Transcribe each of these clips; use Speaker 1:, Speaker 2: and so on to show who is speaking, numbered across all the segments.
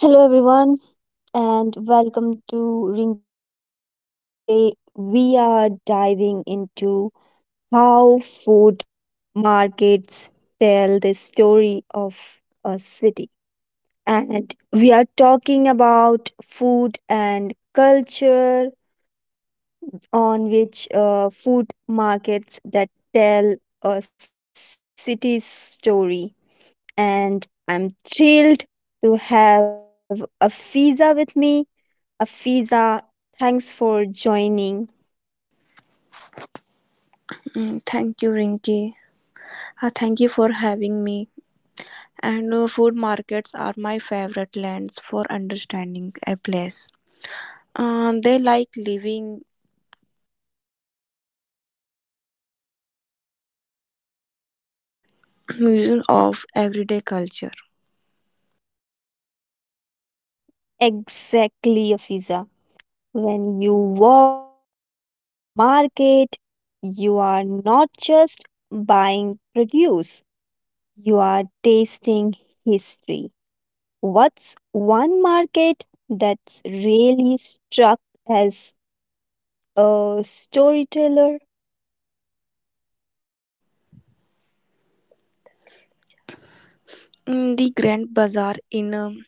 Speaker 1: Hello, everyone, and welcome to Rinky's Talk. Today, we are diving into how food markets tell the story of a city. And we are talking about food and culture, on which food markets that tell a city's story. And I'm thrilled to have Afiza with me. Afiza, thanks for joining.
Speaker 2: Thank you, Rinki. Thank you for having me. And Food markets are my favorite lands for understanding a place. They like living museum of everyday culture.
Speaker 1: Exactly, Afiza. When you walk through a market, you are not just buying produce, you are tasting history. What's one market that's really struck as a storyteller?
Speaker 2: The Grand Bazaar in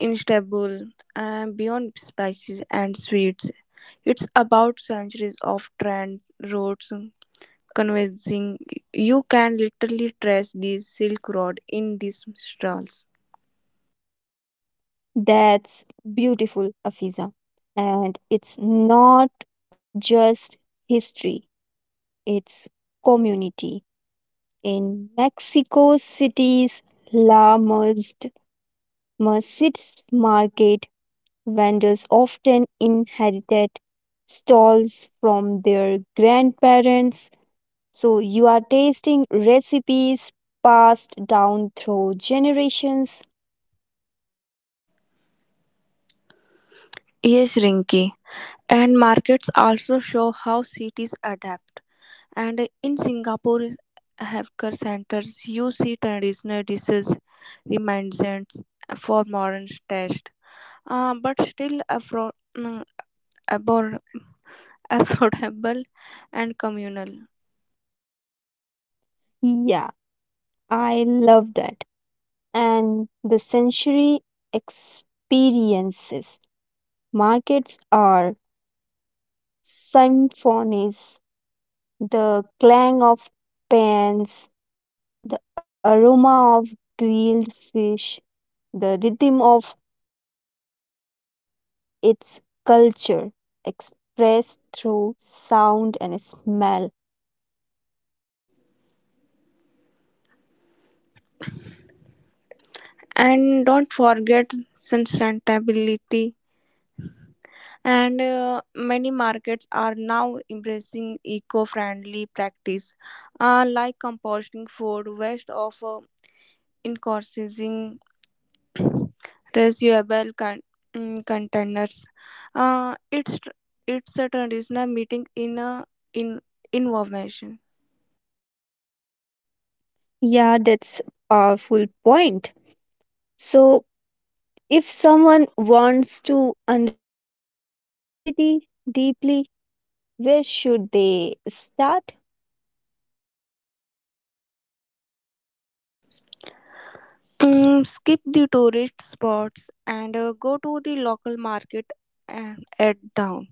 Speaker 2: Istanbul, beyond spices and sweets, it's about centuries of trend roads, convincing you can literally trace the Silk Road in these stalls.
Speaker 1: That's beautiful, Afiza. And it's not just history, its community. In Mexico City's La Merced Mercedes Market, vendors often inherited stalls from their grandparents. So you are tasting recipes passed down through generations.
Speaker 2: Yes, Rinki. And markets also show how cities adapt. And in Singapore's hawker centers, you see traditional dishes remnants for modern taste, but still mm, abor- affordable and communal.
Speaker 1: Yeah, I love that. And the sensory experiences. Markets are symphonies, the clang of pans, the aroma of grilled fish, the rhythm of bargaining, its culture expressed through sound and smell.
Speaker 2: And don't forget sustainability. And Many markets are now embracing eco-friendly practice, like composting food waste of incorporating reusable containers. Uh, it's tr- it's a traditional meeting in information.
Speaker 1: Yeah, that's a full point. So, if someone wants to understand a city deeply, where should they start?
Speaker 2: Skip the tourist spots and go to the local market and at down.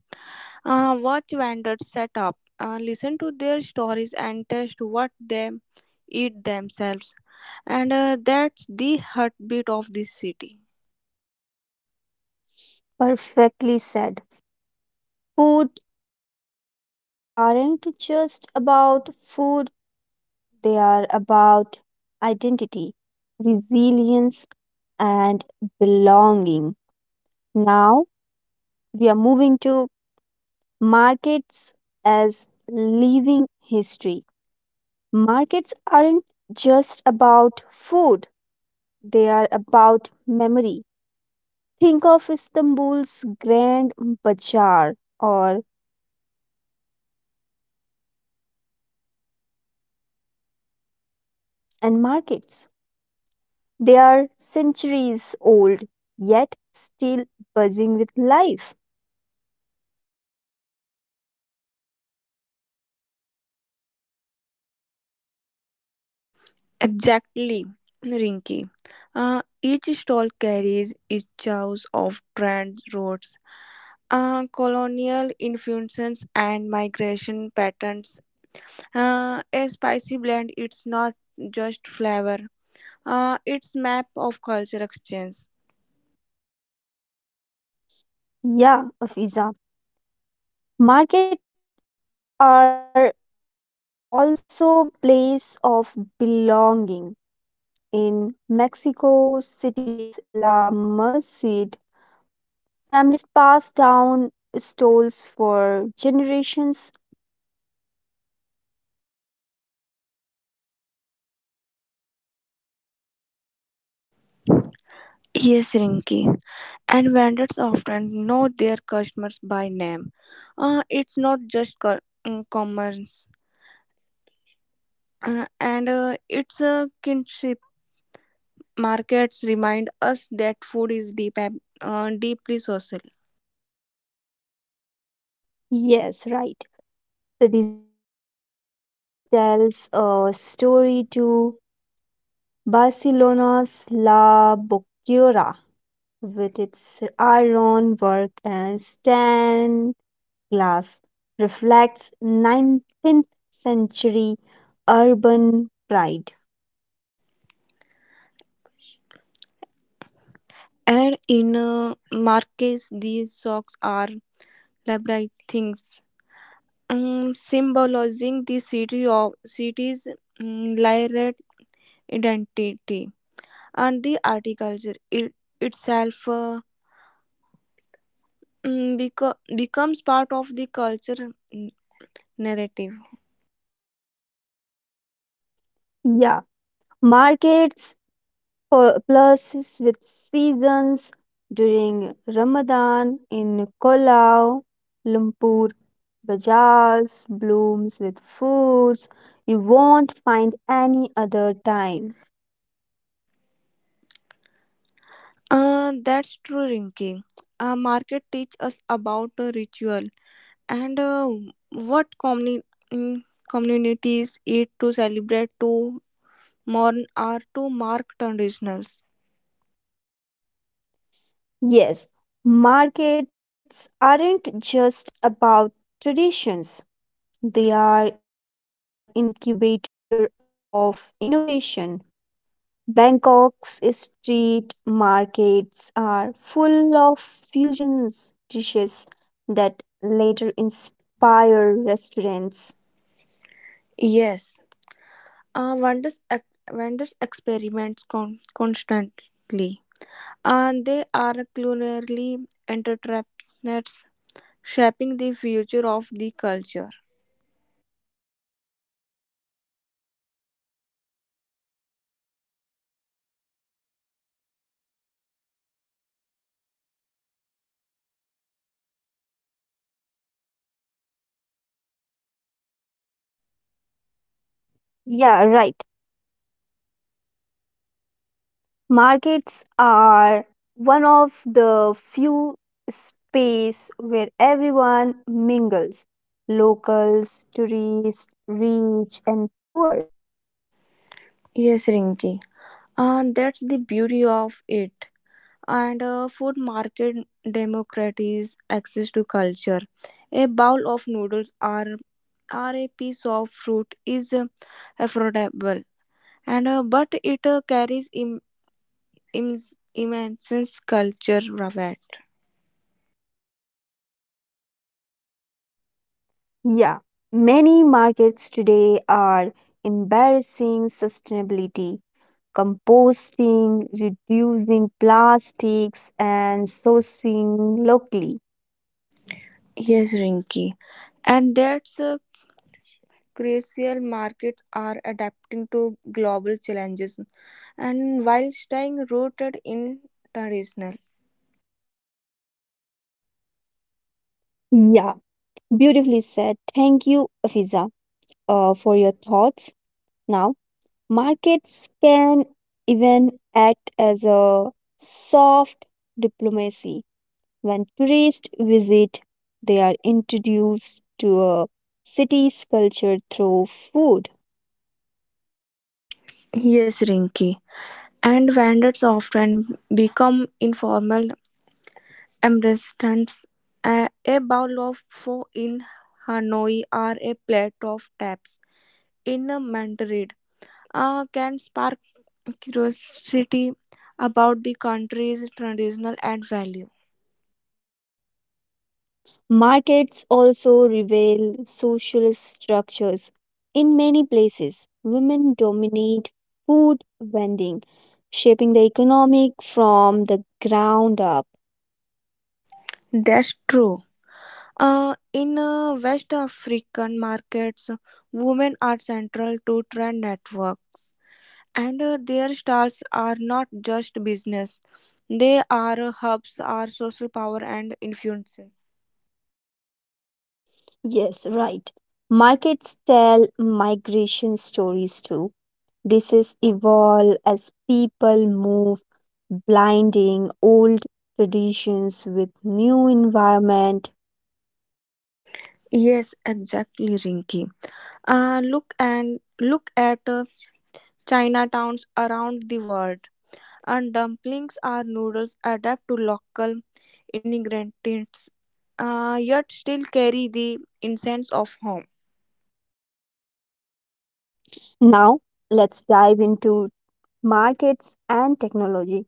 Speaker 2: Watch vendors set up. Listen to their stories and taste what they eat themselves. And That's the heartbeat of this city.
Speaker 1: Perfectly said. Food markets aren't just about food, they are about identity, resilience, and belonging. Now we are moving to markets as living history. Markets aren't just about food, they are about memory. Think of Istanbul's Grand Bazaar or and markets. They are centuries old, yet still buzzing with life.
Speaker 2: Exactly, Rinky. Each stall carries its choice of trend roads, colonial influences, and migration patterns. A spicy blend, it's not just flavor, it's map of culture exchange.
Speaker 1: Yeah, Afiza. Market are also place of belonging. In Mexico City's La Merced, families pass down stalls for generations.
Speaker 2: Yes, Rinky. And vendors often know their customers by name. It's not just commerce, and it's a kinship. Markets remind us that food is deep and deeply social.
Speaker 1: Yes, right. The design of markets tells a story to Barcelona's La Boquera with its ironwork and stained glass, reflects 19th century urban pride.
Speaker 2: And in markets, these socks are labyrinth things, symbolizing the city's layered identity and the art culture it, itself. Becomes part of the culture narrative.
Speaker 1: Yeah, markets plus with seasons during Ramadan in Kuala Lumpur, bazaars blooms with foods you won't find any other time.
Speaker 2: That's true, Rinki. Market teach us about a ritual and what mm, communities eat to celebrate to mourn or to mark traditionals.
Speaker 1: Yes, markets aren't just about traditions, they are incubator of innovation. Bangkok's street markets are full of fusions dishes that later inspire restaurants.
Speaker 2: Yes, vendors experiments constantly and they are culinarily entrepreneurs shaping the future of the culture.
Speaker 1: Yeah, right. Markets are one of the few space where everyone mingles. Locals, tourists, rich and poor.
Speaker 2: Yes, Rinki, and that's the beauty of it and food market democracies access to culture, a bowl of noodles or a piece of fruit is affordable and but it carries Im- immense culture value.
Speaker 1: Yeah, many markets today are embarrassing sustainability, composting, reducing plastics and sourcing locally.
Speaker 2: Yes, Rinky, and that's crucial. Markets are adapting to global challenges and while staying rooted in traditional.
Speaker 1: Yeah, beautifully said. Thank you, Afiza, for your thoughts now. Markets can even act as a soft diplomacy. When tourists visit, they are introduced to a city's culture through food.
Speaker 2: Yes, Rinky, and vendors often become informal Ambersand's, a bowl of pho in Hanoi or a plate of taps in Madrid can spark curiosity about the country's traditional and value.
Speaker 1: Markets also reveal social structures. In many places, women dominate food vending, shaping the economic from the ground up.
Speaker 2: That's true. In West African markets, women are central to trade networks, and their stars are not just business; they are hubs, are social power and influences.
Speaker 1: Yes, right. Markets tell migration stories too. This is evolve as people move, blinding old traditions with new environment.
Speaker 2: Yes, exactly, Rinki. Look at Chinatowns around the world. And dumplings are noodles adapt to local ingredients, yet still carry the incense of home.
Speaker 1: Now, let's dive into markets and technology.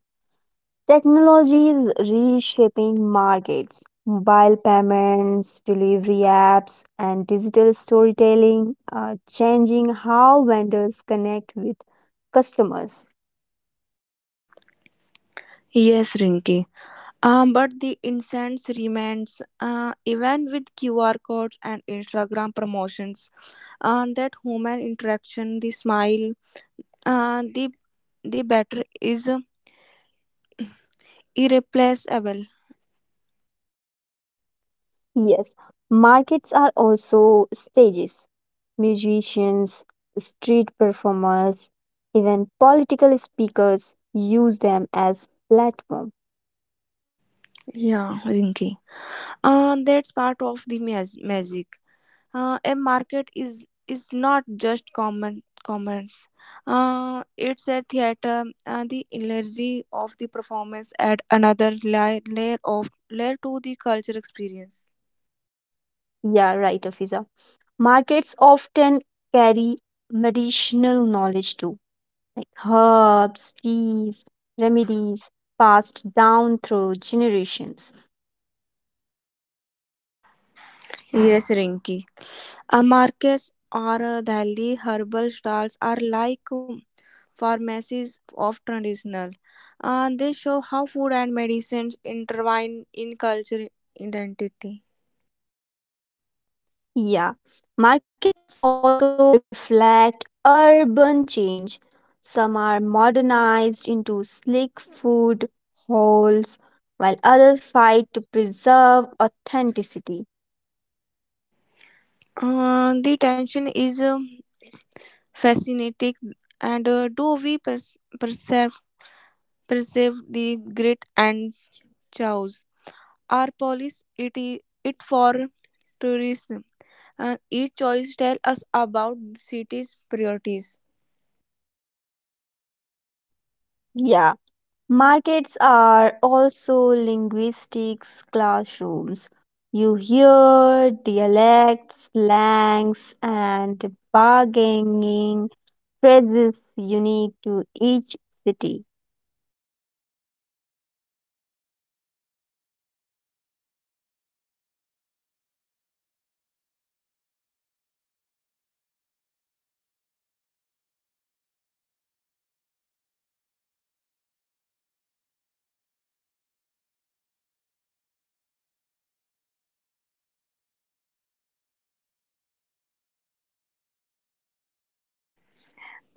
Speaker 1: Technology is reshaping markets. Mobile payments, delivery apps, and digital storytelling are changing how vendors connect with customers.
Speaker 2: Yes, Rinki. But the incense remains, even with QR codes and Instagram promotions. And that human interaction, the smile, uh, the the batter is irreplaceable.
Speaker 1: Yes, markets are also stages. Musicians, street performers, even political speakers use them as platform.
Speaker 2: Yeah, Rinki. That's part of the magic. A market is not just common commerce. It's a theater. The energy of the performance add another layer to the culture experience.
Speaker 1: Yeah, right, Afiza. Markets often carry medicinal knowledge too, like herbs, teas, remedies passed down through generations.
Speaker 2: Yes, Rinki. Markets or Delhi herbal stalls are like pharmacies of traditional. They show how food and medicines intertwine in culture identity.
Speaker 1: Yeah, markets also reflect urban change. Some are modernized into sleek food halls, while others fight to preserve authenticity.
Speaker 2: The tension is fascinating, and do we perceive the grit and chows? Our police it, it for tourism, and each choice tell us about the city's priorities.
Speaker 1: Yeah, markets are also linguistics classrooms. You hear dialects, slangs, and bargaining phrases unique to each city.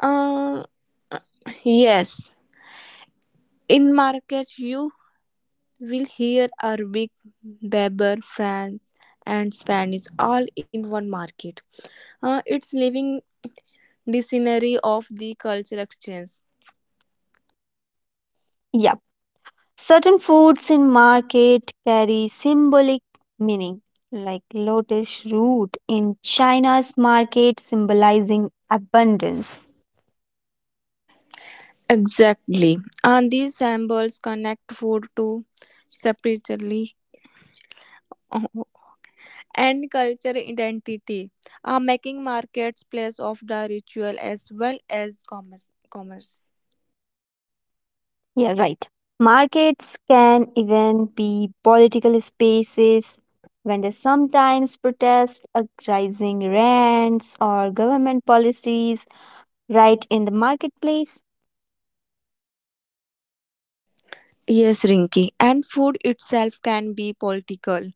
Speaker 2: Uh, yes, in markets, you will hear Arabic, Berber, French, and Spanish all in one market. It's living dictionary of the culture exchange.
Speaker 1: Yeah. Certain foods in market carry symbolic meaning, like lotus root in China's market symbolizing abundance.
Speaker 2: Exactly. And these symbols connect food to spiritually uh, and culture identity, making markets place of the ritual as well as commerce.
Speaker 1: Yeah, right. Markets can even be political spaces. Vendors sometimes protest rising rents or government policies right in the marketplace.
Speaker 2: Yes, Rinki. And food itself can be political.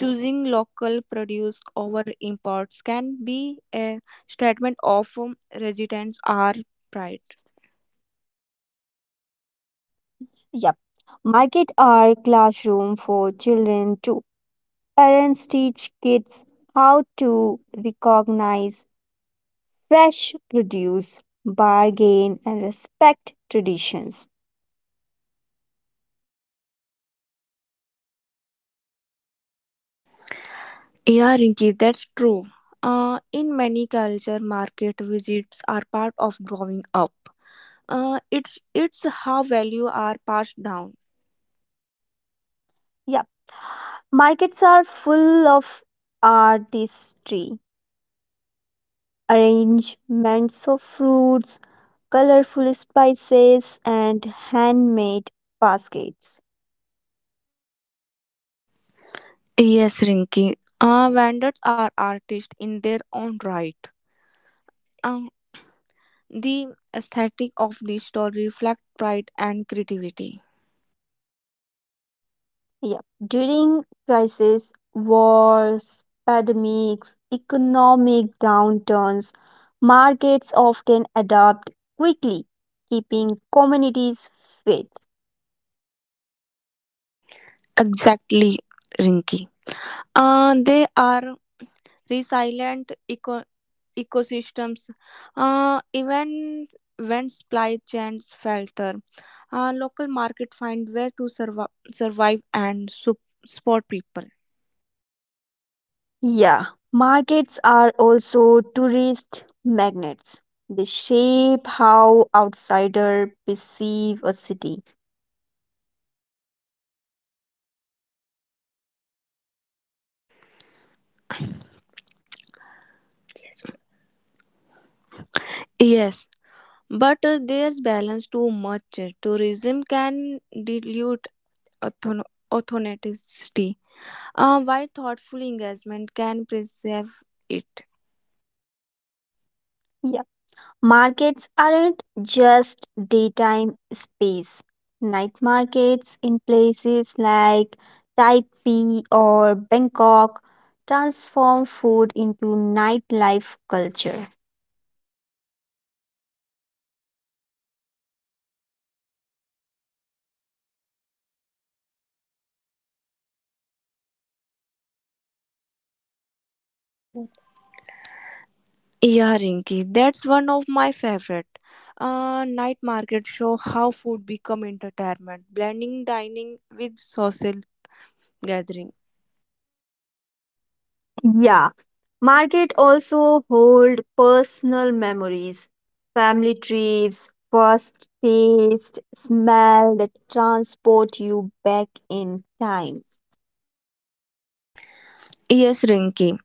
Speaker 2: Choosing local produce over imports can be a statement of resistance or pride.
Speaker 1: Yep. Market are classroom for children too. Parents teach kids how to recognize fresh produce, bargain, and respect traditions.
Speaker 2: Yeah, Rinki, that's true. In many culture, market visits are part of growing up. It's how value are passed down.
Speaker 1: Yeah, markets are full of artistry, arrangements of fruits, colorful spices, and handmade baskets.
Speaker 2: Yes, Rinki. Vendors are artists in their own right. Uh, the aesthetic of the store reflect pride and creativity.
Speaker 1: Yeah. During crisis, wars, pandemics, economic downturns, markets often adapt quickly, keeping communities fit.
Speaker 2: Exactly, Rinki. They are resilient ecosystems. Even when supply chains falter. Local market find where to survive and support people.
Speaker 1: Yeah. Markets are also tourist magnets. They shape how outsiders perceive a city.
Speaker 2: Yes, but there's balance too much. Tourism can dilute authon- authenticity, while thoughtful engagement can preserve it.
Speaker 1: Yeah. Markets aren't just daytime space. Night markets in places like Taipei or Bangkok transform food into nightlife culture.
Speaker 2: Yeah, Rinki, that's one of my favorite. Night market show how food become entertainment, blending dining with social gathering.
Speaker 1: Yeah, market also hold personal memories, family trips, first taste, smell that transport you back in time.
Speaker 2: Yes, Rinki,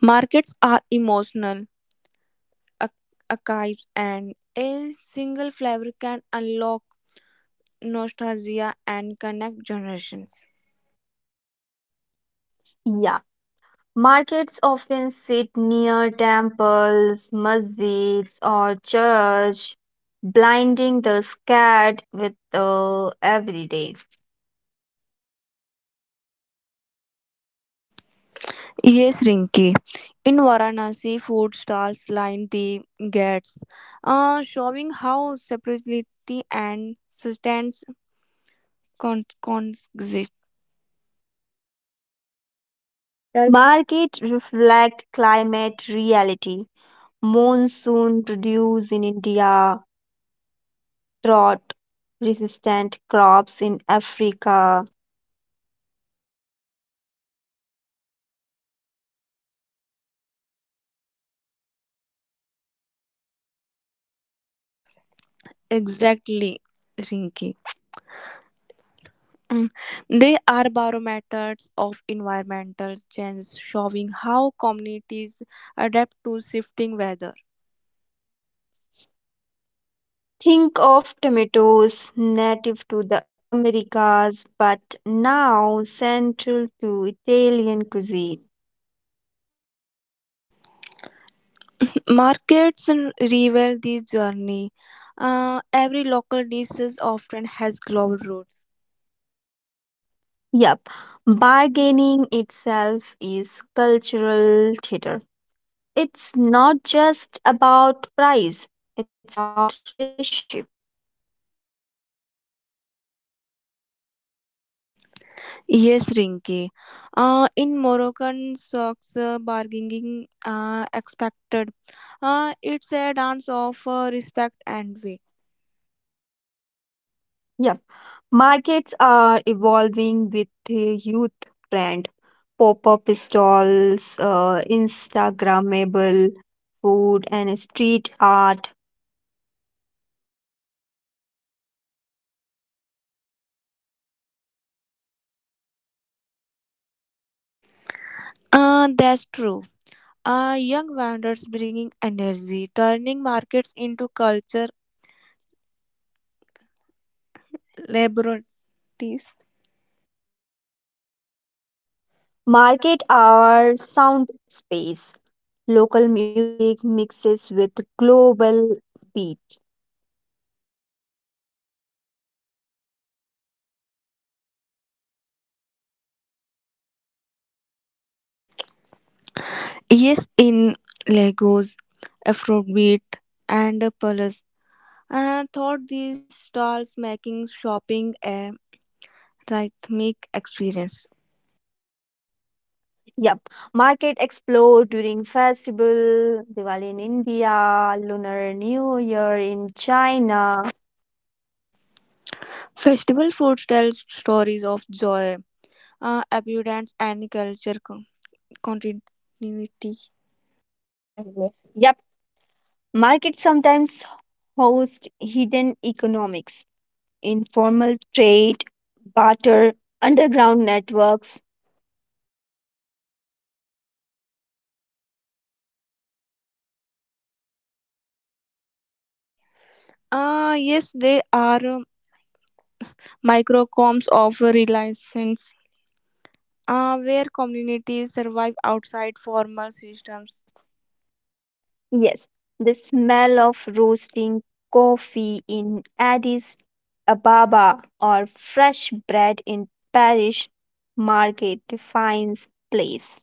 Speaker 2: markets are emotional ar- archives, and a single flavor can unlock nostalgia and connect generations.
Speaker 1: Yeah, markets often sit near temples, masjids, or church, blinding the scared with the everyday.
Speaker 2: Yes, Rinki. In Varanasi, food stalls line the gates, showing how separately and sustenance exist.
Speaker 1: The market reflect climate reality. Monsoon produce in India, drought resistant crops in Africa.
Speaker 2: Exactly, Rinki. Mm. They are barometers of environmental change, showing how communities adapt to shifting weather.
Speaker 1: Think of tomatoes native to the Americas but now central to Italian cuisine.
Speaker 2: Markets reveal this journey. Every local dish often has global roots.
Speaker 1: Yep, bargaining itself is cultural theater. It's not just about price, it's about relationship.
Speaker 2: Yes, Rinki. In Moroccan socks, bargaining expected. It's a dance of respect and wit.
Speaker 1: Yep, markets are evolving with the youth brand, pop up stalls, Instagrammable food, and street art.
Speaker 2: That's true. Young vendors bringing energy, turning markets into culture laboratories.
Speaker 1: Market are sound space. Local music mixes with global beats.
Speaker 2: Yes, in Lagos, Afrobeat, and Palace. And thought these stalls making shopping a rhythmic experience.
Speaker 1: Yep. Market explode during festival, Diwali in India, Lunar New Year in China.
Speaker 2: Festival foods tell stories of joy, abundance, and culture continuity.
Speaker 1: Mhm. Yep. Market sometimes host hidden economics, informal trade, barter, underground networks.
Speaker 2: Yes, they are microcosms of reliance, where communities survive outside formal systems.
Speaker 1: Yes. The smell of roasting coffee in Addis Ababa or fresh bread in Paris market defines place.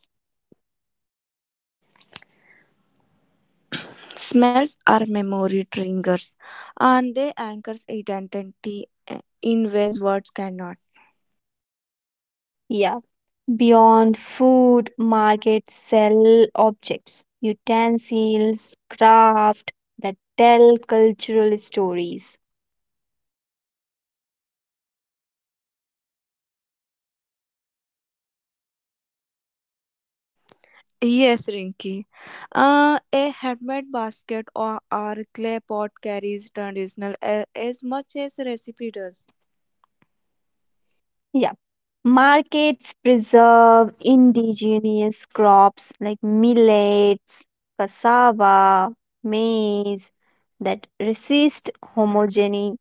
Speaker 2: Smells are memory triggers, and they anchor identity in ways words cannot.
Speaker 1: Yeah. Beyond food, markets sell objects, utensils, craft that tell cultural stories.
Speaker 2: Yes, Rinky. A handmade basket or clay pot carries traditional as much as recipe does.
Speaker 1: Yeah. Markets preserve indigenous crops like millets, cassava, maize that resist homogenization.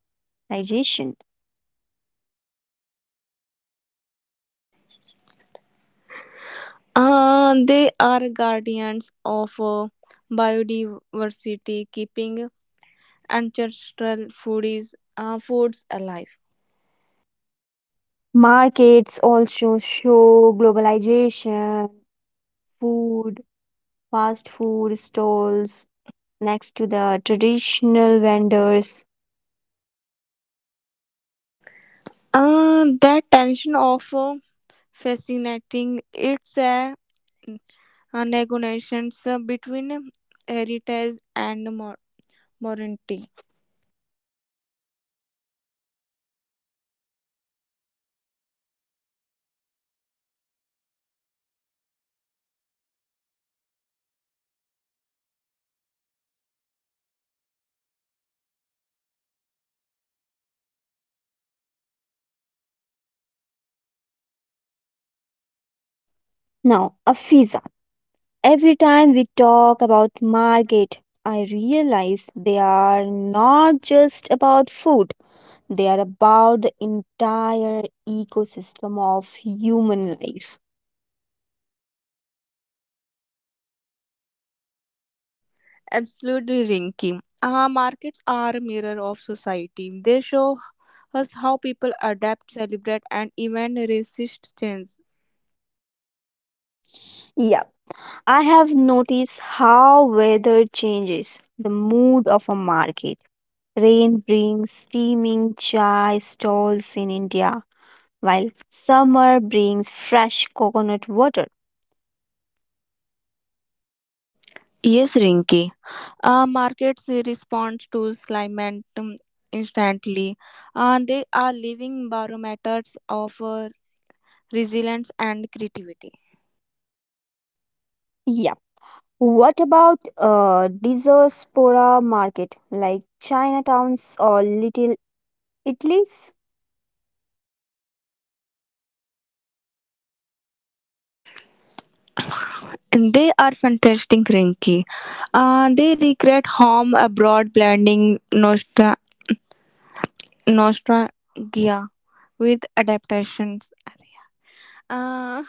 Speaker 2: They are guardians of biodiversity, keeping ancestral foods alive.
Speaker 1: Markets also show globalization, food, fast food stalls, next to the traditional vendors.
Speaker 2: That tension of fascinating it's a negotiations between heritage and modernity.
Speaker 1: Now, Afiza, every time we talk about market, I realize they are not just about food, they are about the entire ecosystem of human life.
Speaker 2: Absolutely, Rinky. Our markets are a mirror of society. They show us how people adapt, celebrate, and even resist change.
Speaker 1: Yeah, I have noticed how weather changes the mood of a market. Rain brings steaming chai stalls in India, while summer brings fresh coconut water.
Speaker 2: Yes, Rinky. Our markets respond to climate instantly. They are living barometers of resilience and creativity.
Speaker 1: Yeah. What about diaspora market like Chinatowns or Little Italy's?
Speaker 2: And they are fantastic, Rinky. They recreate home abroad, blending nostalgia with adaptations. Area.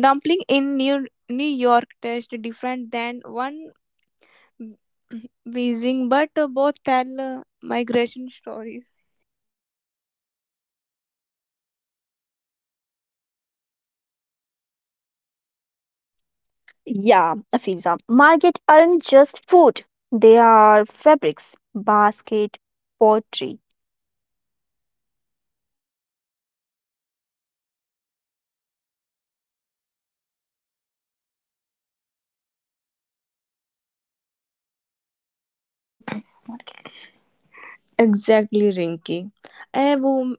Speaker 2: Dumpling in New York taste different than one Beijing, but both tell migration stories.
Speaker 1: Yeah, Afiza. Market aren't just food. They are fabrics, basket, pottery.
Speaker 2: Exactly, Rinky. A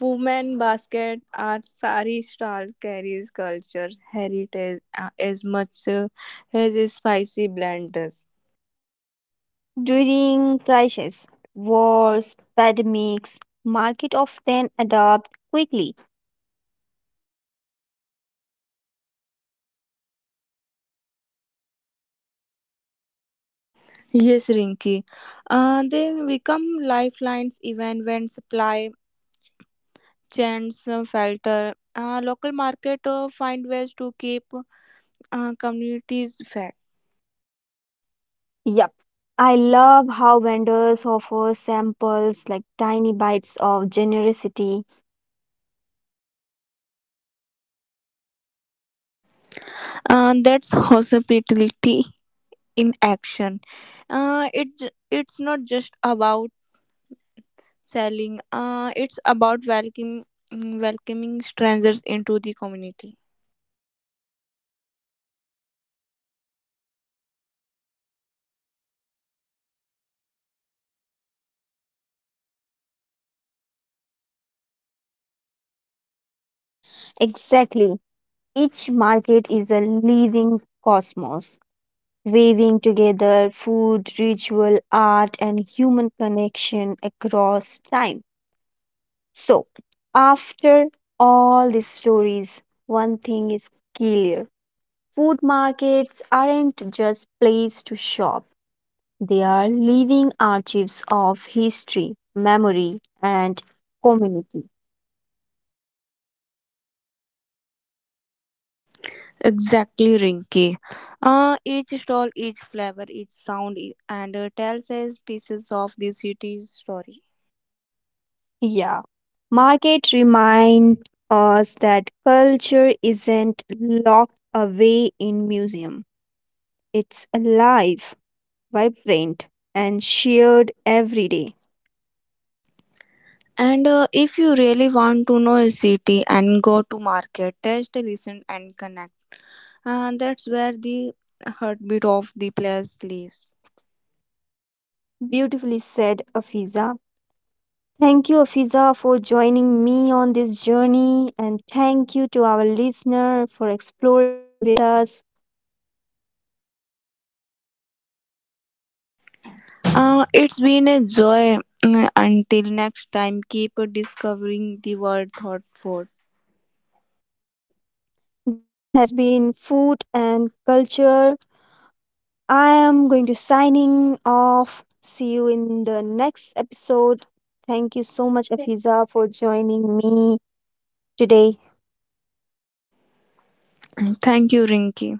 Speaker 2: woman basket or sari stall carries culture heritage as much as a spicy blend does.
Speaker 1: During crises, wars, pandemics, market often adapt quickly.
Speaker 2: Yes, Rinky. They become lifelines even when supply chants falter. Local market find ways to keep communities fed.
Speaker 1: Yep. I love how vendors offer samples like tiny bites of generosity.
Speaker 2: That's hospitality in action. It's not just about selling, it's about welcome, welcoming strangers into the community.
Speaker 1: Exactly. Each market is a living cosmos, weaving together food, ritual, art, and human connection across time. So, after all these stories, one thing is clear, food markets aren't just places to shop, they are living archives of history, memory, and community.
Speaker 2: Exactly, Rinky. Each stall, each flavor, each sound, e- and tells us pieces of the city's story.
Speaker 1: Yeah. Market remind us that culture isn't locked away in museum. It's alive, vibrant, and shared every day.
Speaker 2: And If you really want to know a city and go to market, taste, listen, and connect. That's where the heartbeat of the place lives.
Speaker 1: Beautifully said, Afiza. Thank you, Afiza, for joining me on this journey, and thank you to our listener for exploring with us.
Speaker 2: It's been a joy. Mm, until next time, keep discovering the world thought for.
Speaker 1: This has been Food and Culture. I am going to signing off. See you in the next episode. Thank you so much, Afiza, for joining me today.
Speaker 2: Thank you, Rinky.